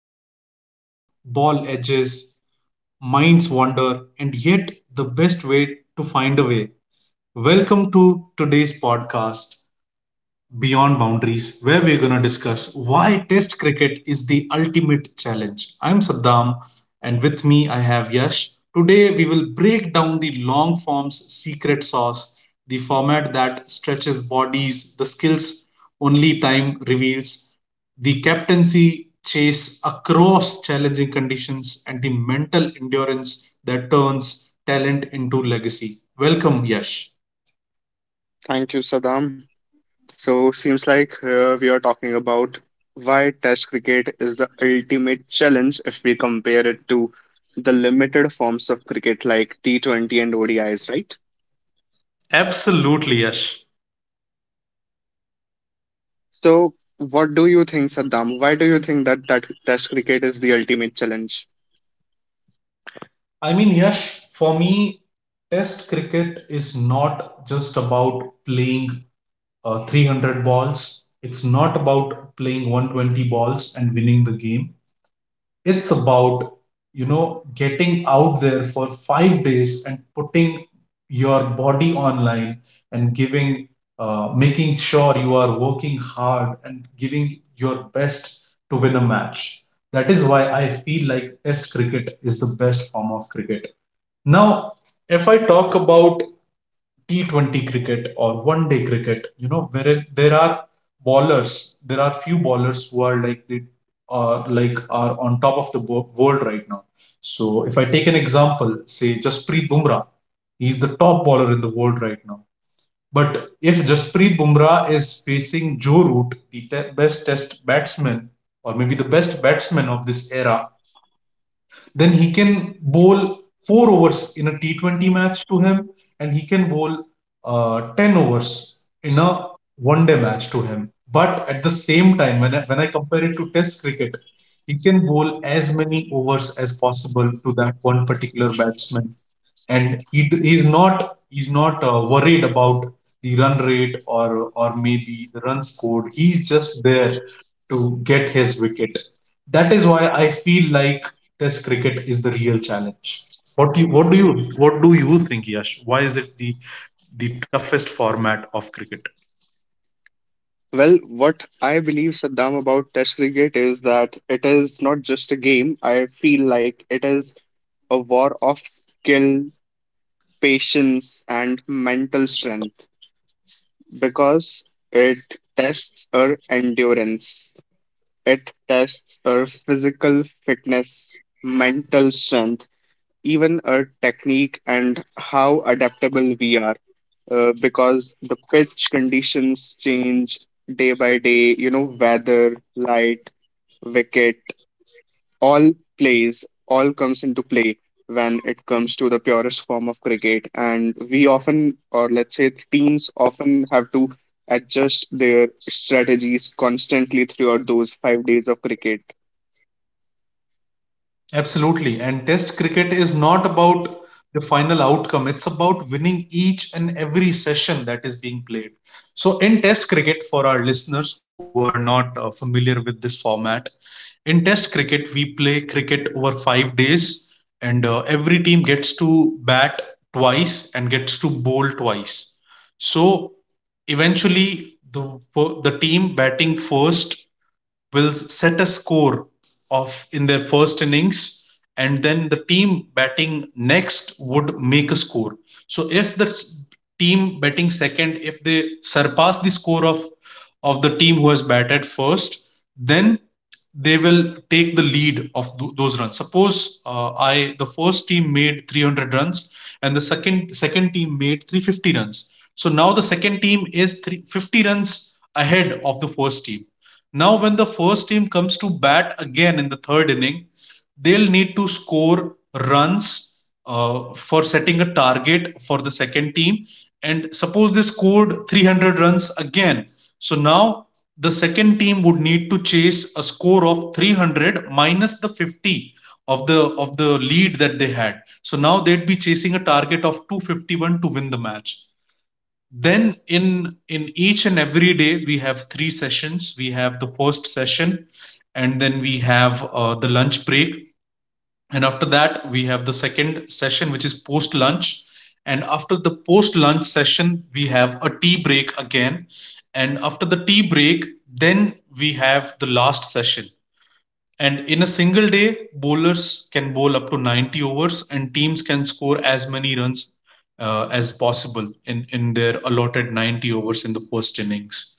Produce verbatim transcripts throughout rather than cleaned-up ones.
weather swings, ball edges, minds wander, and yet the best way to find a way. Welcome to today's podcast. Beyond Boundaries, where we're going to discuss why Test cricket is the ultimate challenge. I'm Saddam, and with me I have Yash. Today we will break down the long form's secret sauce, the format that stretches bodies, the skills only time reveals, the captaincy chase across challenging conditions, and the mental endurance that turns talent into legacy. Welcome, Yash. Thank you, Saddam. So, seems like here we are talking about why Test cricket is the ultimate challenge if we compare it to the limited forms of cricket like T twenty and O D Is, right? Absolutely, Yash. So, what do you think, Saddam? Why do you think that that Test cricket is the ultimate challenge? I mean, Yash, for me, Test cricket is not just about playing uh, three hundred balls. It's not about playing one hundred twenty balls and winning the game. It's about, you know, getting out there for five days and putting your body online and giving, uh, making sure you are working hard and giving your best to win a match. That is why I feel like Test cricket is the best form of cricket. Now, if I talk about T twenty cricket or one day cricket, you know, wherein there are bowlers, there are few bowlers who are like the uh, like are on top of the wo- world right now. So if I take an example, say Jasprit Bumrah, he's the top bowler in the world right now. But if Jasprit Bumrah is facing Joe Root, the te- best test batsman or maybe the best batsman of this era, then he can bowl four overs in a T twenty match to him, and he can bowl uh, ten overs in a one day match to him. But at the same time, when I, when I compare it to test cricket, he can bowl as many overs as possible to that one particular batsman, and he d- he's not he's not uh, worried about the run rate or or maybe the run scored. He's just there to get his wicket. That is why I feel like Test cricket is the real challenge. What do you, what do you what do you think, Yash? Why is it the the toughest format of cricket? Well, what I believe, Saddam, about Test cricket is that it is not just a game. I feel like it is a war of skill, patience, and mental strength because it tests our endurance, it tests our physical fitness, mental strength, even our technique and how adaptable we are. Uh, because the pitch conditions change day by day, you know, weather, light, wicket, all plays, all comes into play when it comes to the purest form of cricket. And we often, or let's say teams often have to adjust their strategies constantly throughout those five days of cricket. Absolutely. And test cricket is not about the final outcome, it's about winning each and every session that is being played. So, in test cricket, for our listeners who are not uh, familiar with this format, in test cricket, we play cricket over five days, and uh, every team gets to bat twice and gets to bowl twice. So, eventually, the, the team batting first will set a score of in their first innings, and then the team batting next would make a score. So, if the s- team batting second, if they surpass the score of of the team who has batted first, then they will take the lead of th- those runs. Suppose, uh, I the first team made three hundred runs, and the second second team made three hundred fifty runs. So now the second team is three hundred fifty runs ahead of the first team. Now, when the first team comes to bat again in the third inning, they'll need to score runs uh, for setting a target for the second team. And suppose they scored three hundred runs again. So now the second team would need to chase a score of three hundred minus the fifty of the of the lead that they had. So now they'd be chasing a target of two hundred fifty-one to win the match. Then in in each and every day we have three sessions. We have the first session, and then we have uh, the lunch break, and after that we have the second session, which is post lunch, and after the post lunch session we have a tea break again, and after the tea break then we have the last session. And in a single day, bowlers can bowl up to ninety overs, and teams can score as many runs uh, as possible in, in their allotted ninety overs in the first innings.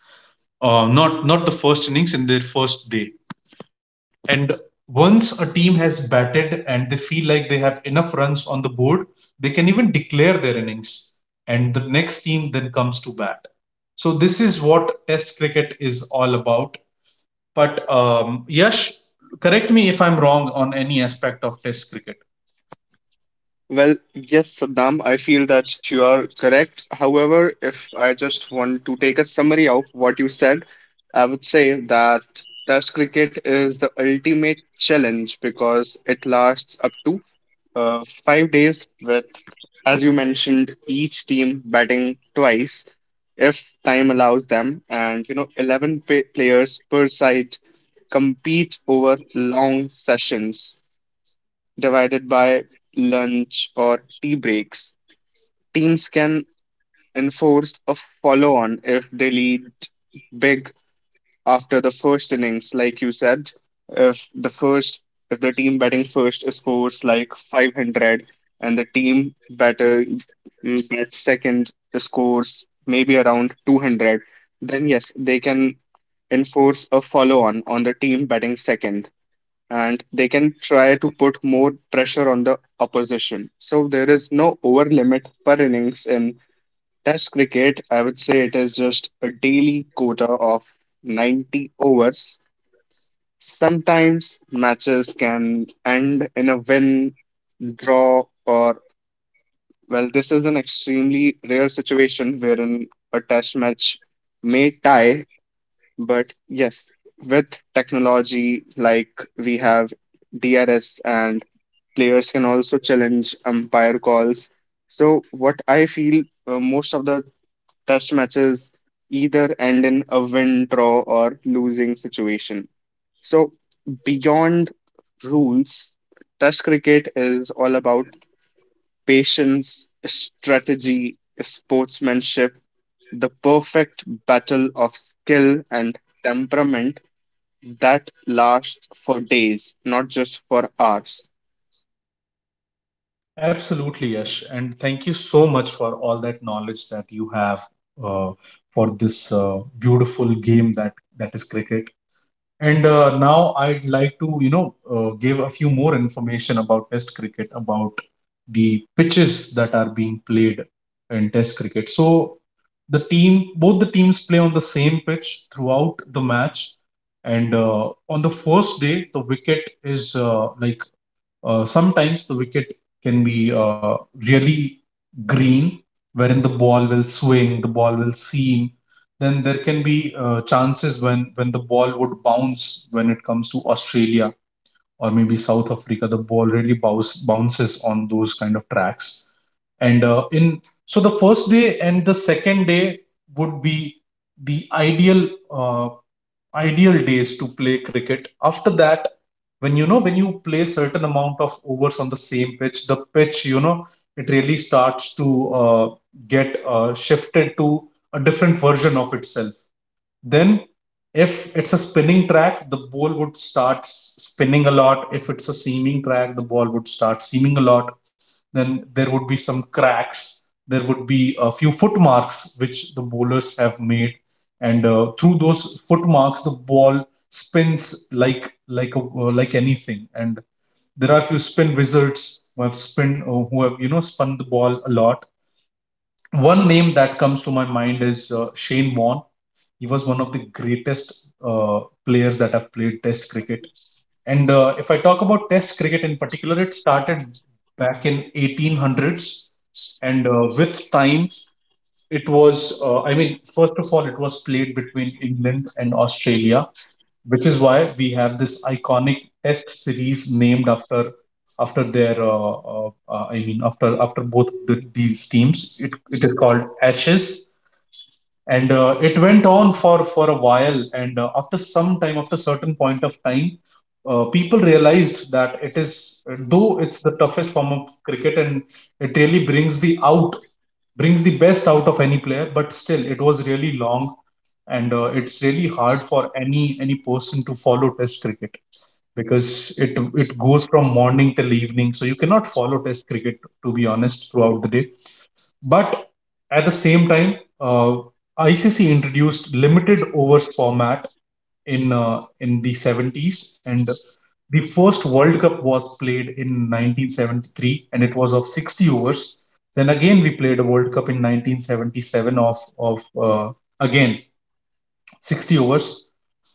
Uh, not, not the first innings, in their first day. And once a team has batted and they feel like they have enough runs on the board, they can even declare their innings. And the next team then comes to bat. So, this is what Test cricket is all about. But um, Yash, correct me if I'm wrong on any aspect of Test cricket. Well, yes, Saddam, I feel that you are correct. However, if I just want to take a summary of what you said, I would say that Test cricket is the ultimate challenge because it lasts up to uh, five days with, as you mentioned, each team batting twice if time allows them. And, you know, eleven pa- players per side compete over long sessions divided by lunch or tea breaks, teams can enforce a follow on if they lead big after the first innings, like you said. If the first, if the team batting first scores like five hundred and the team batter mm, bats second scores maybe around two hundred, then yes, they can enforce a follow on on the team batting second and they can try to put more pressure on the opposition. So there is no over limit per innings in Test cricket. I would say it is just a daily quota of ninety overs. Sometimes matches can end in a win, draw, or well, this is an extremely rare situation wherein a test match may tie. But yes, with technology like we have D R S and players can also challenge umpire calls. So, what I feel uh, most of the test matches either end in a win, draw, or losing situation. So, beyond rules, test cricket is all about patience, strategy, sportsmanship, the perfect battle of skill and temperament that lasts for days, not just for hours. Absolutely, Yash. And thank you so much for all that knowledge that you have uh, for this uh, beautiful game that, that is cricket. And uh, now I'd like to, you know, uh, give a few more information about Test cricket, about the pitches that are being played in Test cricket. So the team, both the teams play on the same pitch throughout the match. And uh, on the first day, the wicket is uh, like uh, sometimes the wicket can be uh, really green, wherein the ball will swing, the ball will seam. Then there can be uh, chances when when the ball would bounce when it comes to Australia or maybe South Africa. The ball really bounce, bounces on those kind of tracks. And uh, in so the first day and the second day would be the ideal uh, ideal days to play cricket. After that, when you know when you play certain amount of overs on the same pitch, the pitch, you know it really starts to uh, get uh, shifted to a different version of itself. Then, if it's a spinning track, the ball would start s- spinning a lot. If it's a seaming track, the ball would start seaming a lot. Then there would be some cracks. There would be a few footmarks which the bowlers have made, and uh, through those footmarks, the ball spins like like a, uh, like anything. And there are few spin wizards who have spin uh, who have you know spun the ball a lot. One name that comes to my mind is uh, Shane Warne. He was one of the greatest uh, players that have played Test cricket. And uh, if I talk about Test cricket in particular, it started back in eighteen hundreds, and uh, with time, it was. Uh, I mean, first of all, it was played between England and Australia, which is why we have this iconic test series named after after their uh, uh, uh, I mean after after both the, these teams, it, it is called Ashes. And uh, it went on for for a while, and uh, after some time, after certain point of time, uh, people realized that, it is though it's the toughest form of cricket and it really brings the out brings the best out of any player, but still it was really long. And uh, it's really hard for any any person to follow test cricket, because it it goes from morning till evening, so you cannot follow test cricket, to be honest, throughout the day. But at the same time, uh, I C C introduced limited overs format in uh, in the seventies, and the first World Cup was played in nineteen seventy-three, and it was of sixty overs. Then again we played a World Cup in nineteen seventy-seven of of uh, again sixty overs.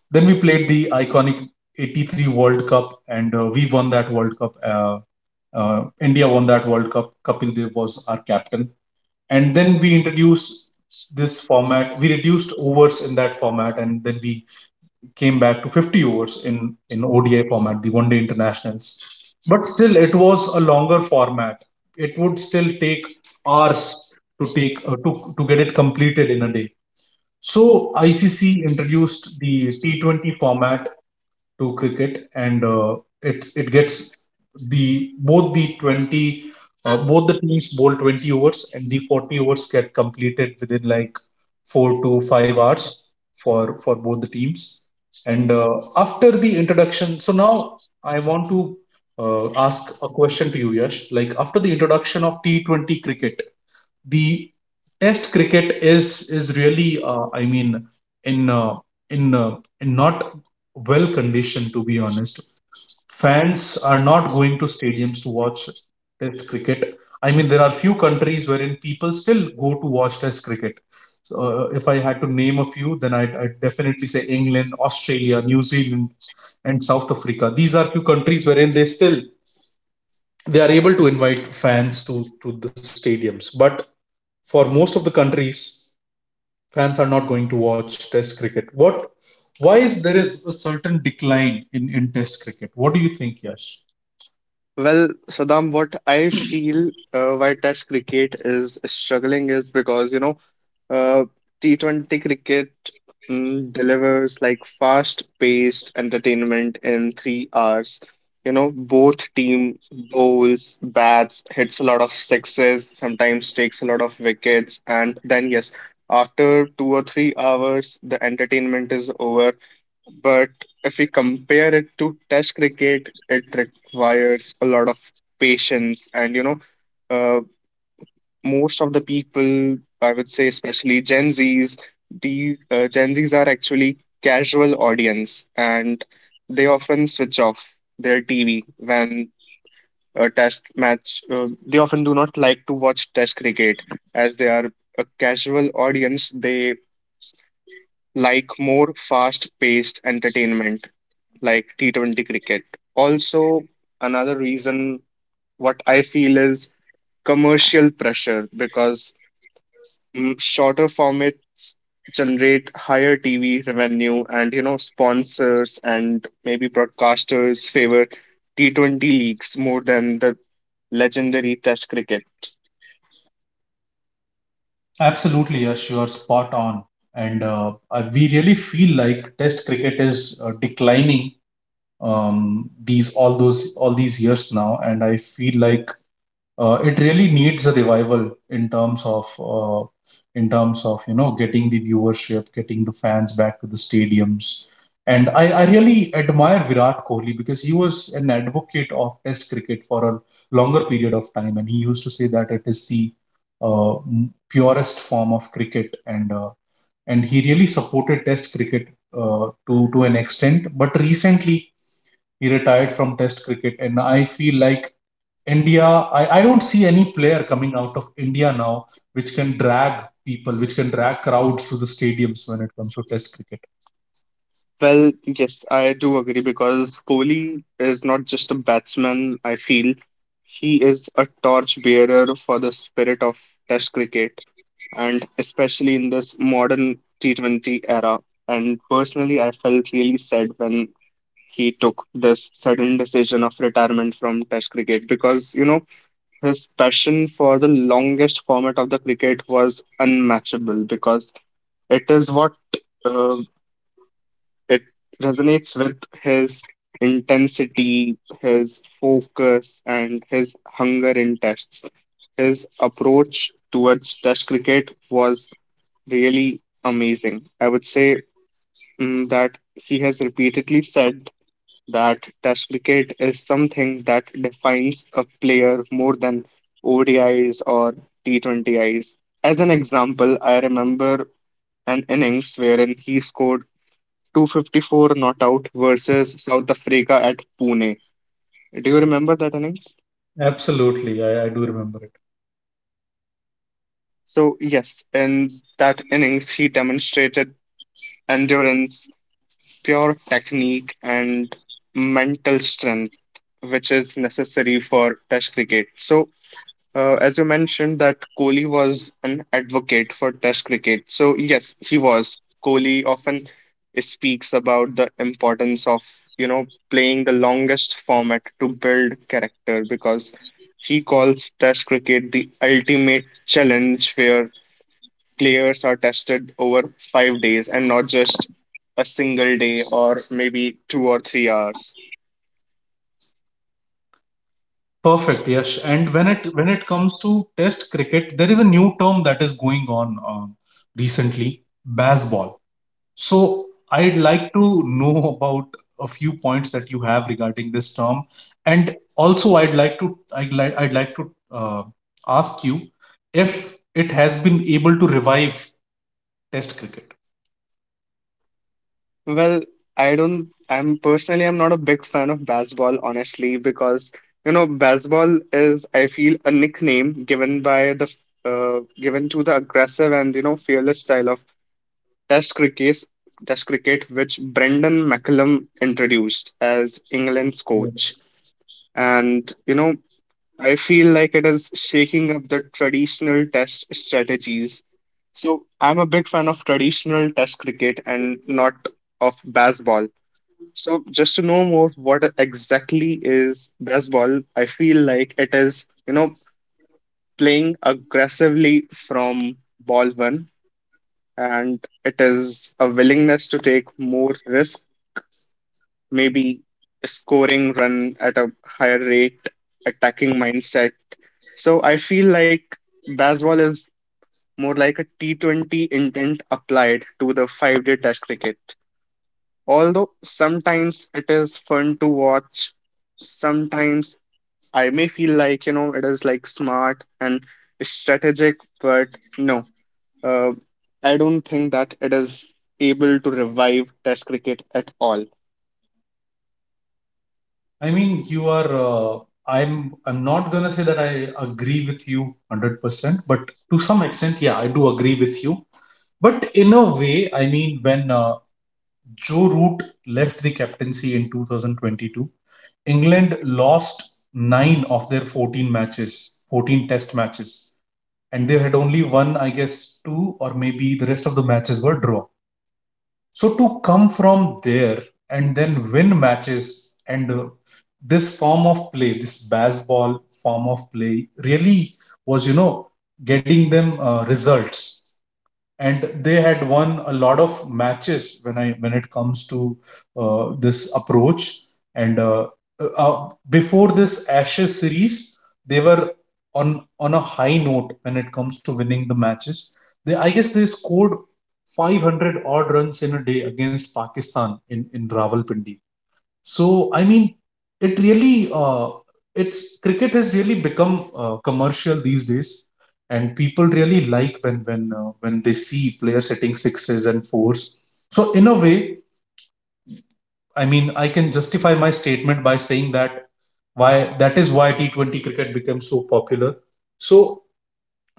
Then we played the iconic eighty-three World Cup, and uh, we won that World Cup. Uh, uh, India won that World Cup. Kapil Dev was our captain. And then we introduced this format. We reduced overs in that format, and then we came back to fifty overs in, in O D I format, the one day internationals. But still, it was a longer format. It would still take hours to take uh, to, to get it completed in a day. So I C C introduced the T twenty format to cricket, and uh, it's it gets the both the twenty uh, both the teams bowl twenty overs, and the forty overs get completed within like four to five hours for for both the teams. And uh, after the introduction, so now I want to uh, ask a question to you, Yash. Like after the introduction of T Twenty cricket, the test cricket is is really, uh, I mean, in uh, in uh, in not well conditioned, to be honest. Fans are not going to stadiums to watch test cricket. I mean, there are few countries wherein people still go to watch test cricket. So, uh, if I had to name a few, then I'd, I'd definitely say England, Australia, New Zealand, and South Africa. These are few countries wherein they still they are able to invite fans to to the stadiums. But for most of the countries, fans are not going to watch test cricket. What Why is there is a certain decline in in test cricket? What do you think, Yash? Well, Saddam, what I feel uh, why Test cricket is struggling is because, you know, uh, T twenty cricket mm, delivers like fast-paced entertainment in three hours. You know, both team bowls, bats, hits a lot of sixes, sometimes takes a lot of wickets, and then yes, after two or three hours, the entertainment is over, but if we compare it to Test cricket, it requires a lot of patience. And, you know, uh, most of the people, I would say, especially Gen Zs, the uh, Gen Zs are actually casual audience and they often switch off their T V when a test match, uh, they often do not like to watch Test cricket as they are a casual audience. They like more fast-paced entertainment like T twenty cricket. Also, another reason what I feel is commercial pressure because mm, shorter formats generate higher T V revenue, and you know sponsors and maybe broadcasters favor T twenty leagues more than the legendary test cricket. Absolutely, Yash, you are spot on. And uh, I- we really feel like test cricket is, uh, declining, um, these all those all these years now, and I feel like, uh, it really needs a revival in terms of, uh, in terms of you know, getting the viewership, getting the fans back to the stadiums. And I, I really admire Virat Kohli because he was an advocate of Test cricket for a longer period of time, and he used to say that it is the uh, m- purest form of cricket, and uh, and he really supported Test cricket uh, to to an extent. But recently, he retired from Test cricket, and I feel like India, I, I don't see any player coming out of India now which can drag people, which can drag crowds to the stadiums when it comes to Test cricket. Well, yes, I do agree because Kohli is not just a batsman, I feel. He is a torch bearer for the spirit of Test cricket, and especially in this modern T twenty era. And personally, I felt really sad when he took this sudden decision of retirement from Test cricket because, you know, his passion for the longest format of the cricket was unmatchable because it is what uh. It resonates with his intensity, his focus, and his hunger in tests. His approach towards test cricket was really amazing. I would say mm, that he has repeatedly said that test cricket is something that defines a player more than O D Is or T twenty Is. As an example, I remember an innings wherein he scored two hundred fifty-four not out versus South Africa at Pune. Do you remember that innings? Absolutely, I, I do remember it. So, yes, in that innings, he demonstrated endurance, pure technique, and mental strength, which is necessary for Test cricket. So, Uh, as you mentioned, that Kohli was an advocate for Test cricket. So, yes, he was. Kohli often speaks about the importance of, you know, playing the longest format to build character because he calls Test cricket the ultimate challenge where players are tested over five days and not just a single day or maybe two or three hours. Perfect. Yes. And when it when it comes to Test cricket, there is a new term that is going on, um recently, baseball. So I'd like to know about a few points that you have regarding this term, and also I'd like to I'd like I'd like to uh, ask you if it has been able to revive Test cricket. Well, I don't, I'm personally, I'm not a big fan of baseball, honestly, because, you know, baseball is, I feel, a nickname given by the, f- uh, given to the aggressive and, you know, fearless style of Test cricket, Test cricket, which Brendan McCullum introduced as England's coach. Yes. And, you know, I feel like it is shaking up the traditional Test strategies. So I'm a big fan of traditional Test cricket and not of baseball. So just to know more, what exactly is baseball? I feel like it is, you know, playing aggressively from ball one, and it is a willingness to take more risk, maybe scoring run at a higher rate, attacking mindset. So I feel like baseball is more like a T twenty intent applied to the five-day test cricket. Although sometimes it is fun to watch, sometimes I may feel like, you know, it is like smart and strategic, but no, uh, I don't think that it is able to revive Test cricket at all. I mean, you are. Uh, I'm. I'm not gonna say that I agree with you hundred percent, but to some extent, yeah, I do agree with you. But in a way, I mean, when uh, Joe Root left the captaincy in two thousand twenty-two, England lost nine of their fourteen matches, fourteen test matches, and they had only won, I guess, two or maybe the rest of the matches were draw. So to come from there and then win matches, and uh, this form of play, this baseball form of play, really was, you know, getting them, uh, results, and they had won a lot of matches when I when it comes to uh, this approach. And uh, uh, uh, before this Ashes series, they were on on a high note when it comes to winning the matches. They I guess they scored five hundred odd runs in a day against Pakistan in in Rawalpindi. So I mean, it really uh, it's cricket has really become, uh, commercial these days, and people really like when when uh, when they see players hitting sixes and fours. So in a way, I mean, I can justify my statement by saying that why that is why T Twenty cricket became so popular. So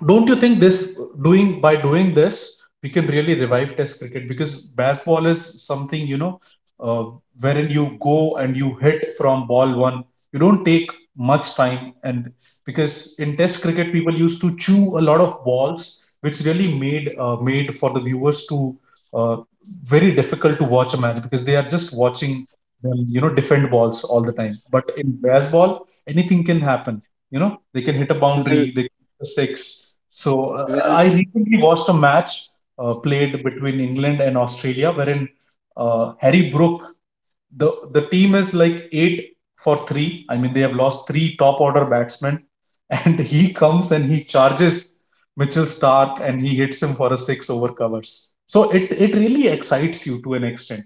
don't you think this doing by doing this we can really revive test cricket? Because baseball is something, you know uh, wherein you go and you hit from ball one. You don't take much time. And because in test cricket, people used to chew a lot of balls, which really made uh, made for the viewers to, uh, very difficult to watch a match, because they are just watching them you know defend balls all the time. But in baseball, anything can happen. You know they can hit a Well, boundary, they six. So uh, well, I recently watched a match, uh, played between England and Australia, wherein, uh, Harry Brook, the the team is like eight for three. I mean, they have lost three top order batsmen, and he comes and he charges Mitchell Stark, and he hits him for a six over covers. So it it really excites you to an extent.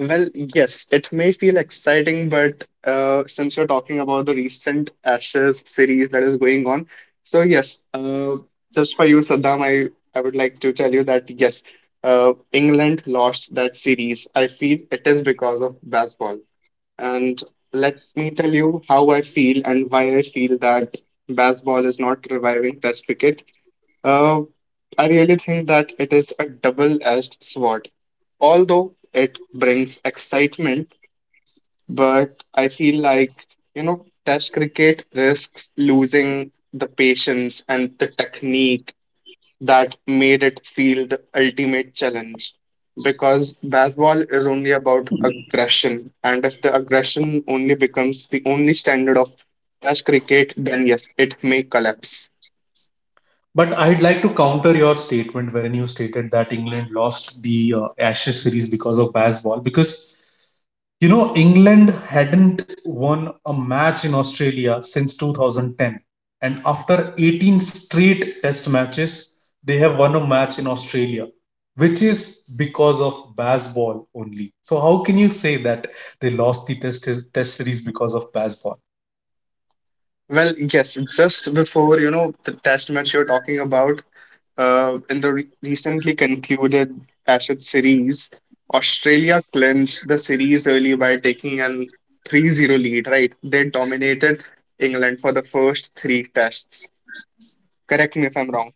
Well, yes, it may feel exciting, but uh, since you're talking about the recent Ashes series that is going on, so yes, uh, just for you, Saddam, I, I would like to tell you that yes, uh, England lost that series. I feel it is because of baseball. And let me tell you how I feel and why I feel that baseball is not reviving Test cricket. Uh, I really think that it is a double-edged sword. Although it brings excitement, but I feel like, you know, Test cricket risks losing the patience and the technique that made it feel the ultimate challenge. Because baseball is only about aggression, and if the aggression only becomes the only standard of Test cricket, then yes, it may collapse. But I'd like to counter your statement wherein you stated that England lost the, uh, Ashes series because of baseball. Because, you know, England hadn't won a match in Australia since two thousand ten. And after eighteen straight test matches, they have won a match in Australia, which is because of baseball only. So how can you say that they lost the test, test series because of baseball? Well, yes, just before, you know, the test match you're talking about, uh, in the re recently concluded Ashes series, Australia clinched the series early by taking an three zero lead, right? They dominated England for the first three tests. Correct me if I'm wrong.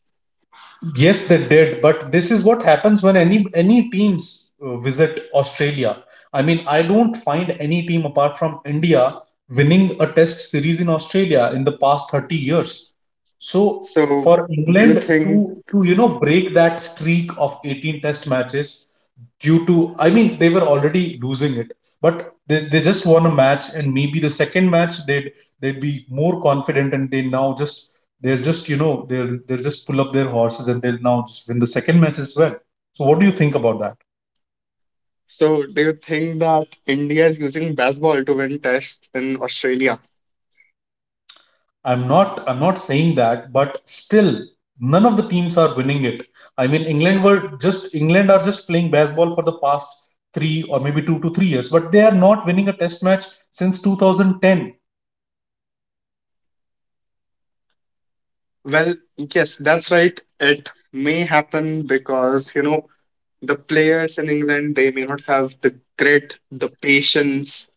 Yes, they did, but this is what happens when any any teams uh, visit Australia. I mean, I don't find any team apart from India winning a test series in Australia in the past thirty years. So So, for do you England to think to, you know break that streak of eighteen test matches due to, I mean, they were already losing it, but they, they just won a match, and maybe the second match they'd they'd be more confident, and they now just they're just, you know they're they're just pull up their horses, and they'll now just win the second match as well. So what do you think about that? so do you think that India is using baseball to win tests in Australia? I'm not I'm not saying that, but still, none of the teams are winning it. I mean, england were just England are just playing baseball for the past three or maybe two to three years, but they are not winning a test match since twenty ten. Well, yes, that's right. It may happen because, you know, the players in England, they may not have the grit, the patience,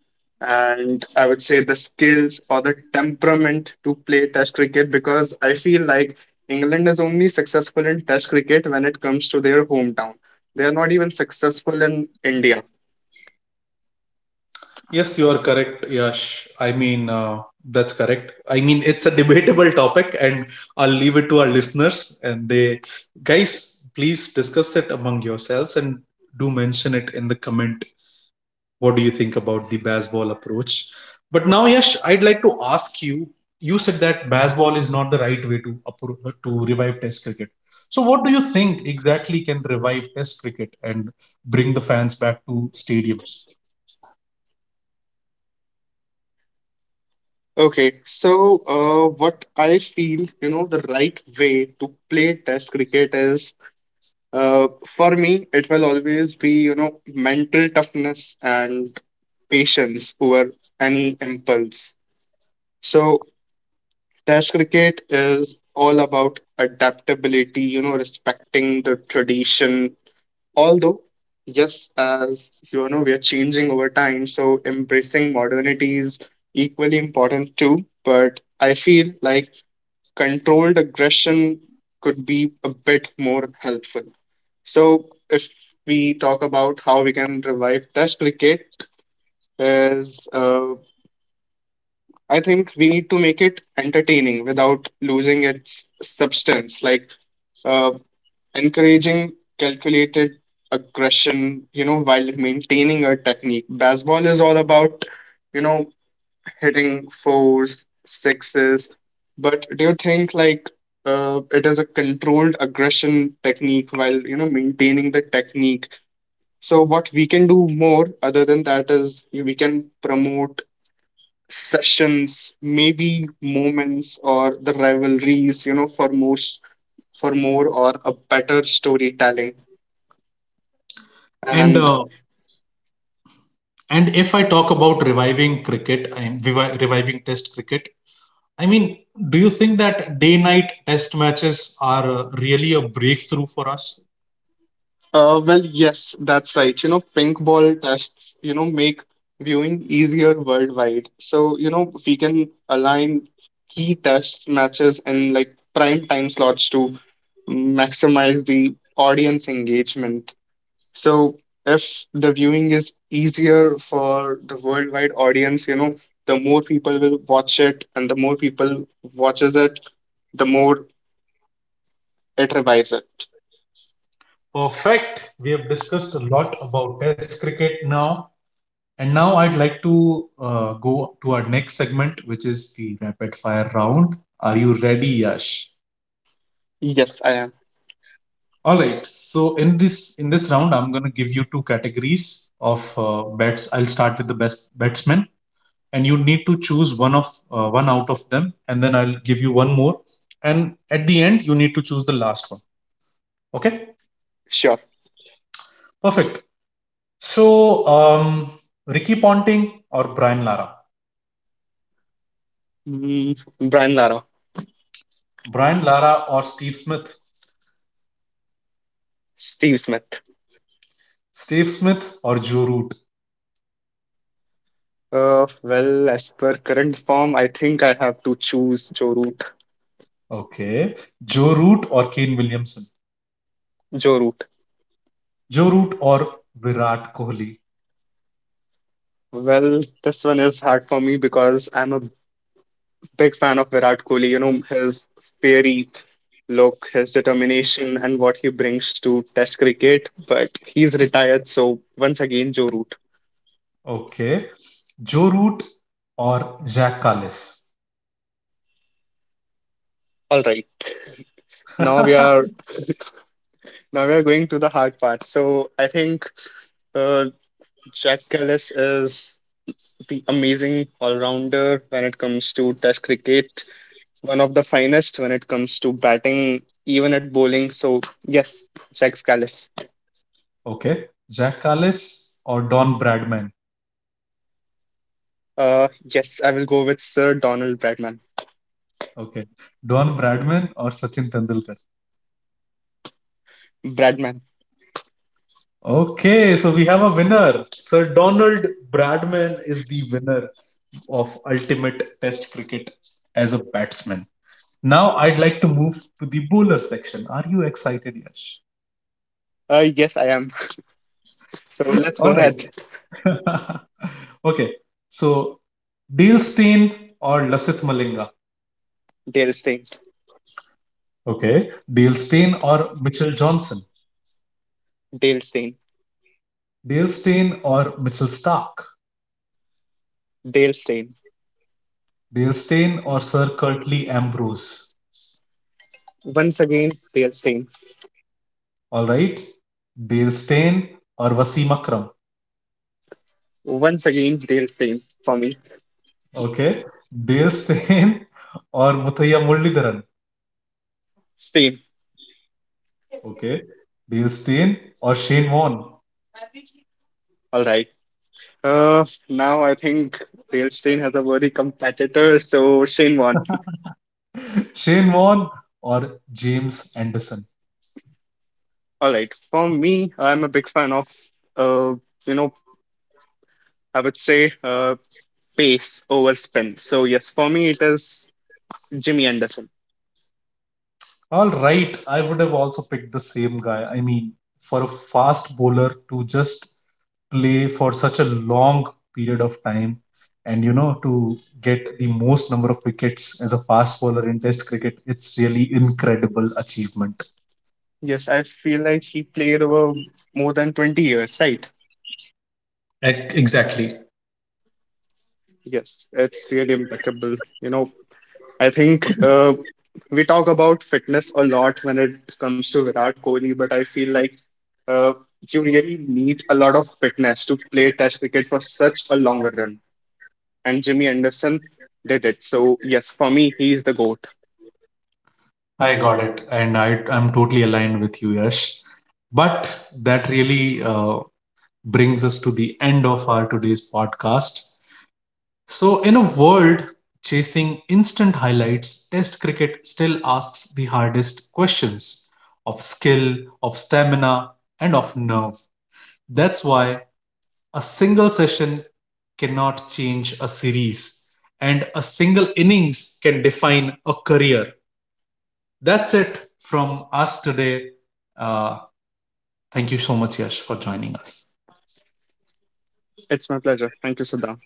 and I would say the skills or the temperament to play Test cricket because I feel like England is only successful in Test cricket when it comes to their hometown. They are not even successful in India. Yes, you are correct, Yash. I mean, uh, that's correct. I mean, it's a debatable topic, and I'll leave it to our listeners. And they, guys, please discuss it among yourselves and do mention it in the comment. What do you think about the baseball approach? But now, Yash, I'd like to ask you. You said that baseball is not the right way to appro- to revive Test cricket. So what do you think exactly can revive Test cricket and bring the fans back to stadiums? Okay, so uh, what I feel, you know, the right way to play Test cricket is Uh, for me, it will always be, you know, mental toughness and patience over any impulse. So, Test cricket is all about adaptability, you know, respecting the tradition. Although, yes, as you know, we are changing over time, so embracing modernity is equally important too. But I feel like controlled aggression could be a bit more helpful. So if we talk about how we can revive Test cricket, is uh, I think we need to make it entertaining without losing its substance, like uh, encouraging calculated aggression, you know, while maintaining a technique. Baseball is all about, you know, hitting fours, sixes. But do you think like uh, it is a controlled aggression technique while you know maintaining the technique? So what we can do more other than that is we can promote sessions, maybe moments or the rivalries, you know, for more s- for more or a better storytelling. And And uh, And if I talk about reviving cricket, I am revi- reviving Test cricket. I mean, do you think that day-night Test matches are, uh, really a breakthrough for us? Uh, well, yes, that's right. You know, pink ball tests, you know, make viewing easier worldwide. So, you know, we can align key tests matches and like prime time slots to maximize the audience engagement. So, if the viewing is easier for the worldwide audience, you know, the more people will watch it, and the more people watches it, the more it revives it. Perfect. We have discussed a lot about Test cricket now, and now I'd like to, uh, go to our next segment, which is the rapid fire round. Are you ready, Yash? Yes, I am All right. So in this in this round, I'm going to give you two categories of, uh, bets. I'll start with the best batsmen, and you need to choose one of uh, one out of them. And then I'll give you one more, and at the end, you need to choose the last one. Okay? sure. Perfect. So, um, Ricky Ponting or Brian Lara? Mm, Brian Lara. Brian Lara or Steve Smith? Steve Smith. Steve Smith or Joe Root? Uh, well, as per current form, I think I have to choose Joe Root. Okay. Joe Root or Kane Williamson? Joe Root. Joe Root or Virat Kohli? Well, this one is hard for me because I'm a big fan of Virat Kohli. You know, his fiery look, his determination, and what he brings to Test cricket. But he's retired, so once again, Joe Root. Okay. Joe Root or Jack Kallis? All right. Now we are Now we are going to the hard part. So I think uh, Jack Ellis is the amazing all rounder when it comes to Test cricket, one of the finest when it comes to batting, even at bowling. So, yes, Jack Scalise. Okay. Jack Kallis or Don Bradman? Uh, yes, I will go with Sir Donald Bradman. Okay. Don Bradman or Sachin Tendulkar? Bradman. Okay, so we have a winner. Sir Donald Bradman is the winner of ultimate test cricket as a batsman. Now I'd like to move to the bowler section. Are you excited, Yash? Uh, yes, I am. So let's go All ahead. right. Okay, so Dale Steyn or Lasith Malinga? Dale Steyn. Okay, Dale Steyn or Mitchell Johnson? Dale Steyn. Dale Steyn or Mitchell Stark? Dale Steyn. Dale Steyn or Sir Curtly Ambrose? Once again, Dale Steyn. All right. Dale Steyn or Wasim Akram? Once again, Dale Steyn for me. Okay. Dale Steyn or Muthaiya Muralidharan? Steyn. Okay. Dale Steyn or Shane Warne? All right. Uh, now I think Dale Steyn has a worthy competitor, so Shane won. Shane Warne or James Anderson? All right. For me, I'm a big fan of, uh, you know, I would say uh, pace over spin. So, yes, for me, it is Jimmy Anderson. All right. I would have also picked the same guy. I mean, for a fast bowler to just play for such a long period of time and, you know, to get the most number of wickets as a fast bowler in test cricket, it's really incredible achievement. Yes, I feel like he played over more than twenty years, right? Ex- Exactly. Yes, it's really impeccable. You know, I think uh, we talk about fitness a lot when it comes to Virat Kohli, but I feel like uh, you really need a lot of fitness to play Test cricket for such a longer run. And Jimmy Anderson did it. So, yes, for me, he is the GOAT. I got it, and I I'm totally aligned with you, Yash. But that really, uh, brings us to the end of our today's podcast. So, in a world chasing instant highlights, Test cricket still asks the hardest questions, of skill, of stamina, and of nerve. That's why a single session cannot change a series, and a single innings can define a career. That's it from us today. Uh, Thank you so much, Yash, for joining us. It's my pleasure. Thank you, Siddhant.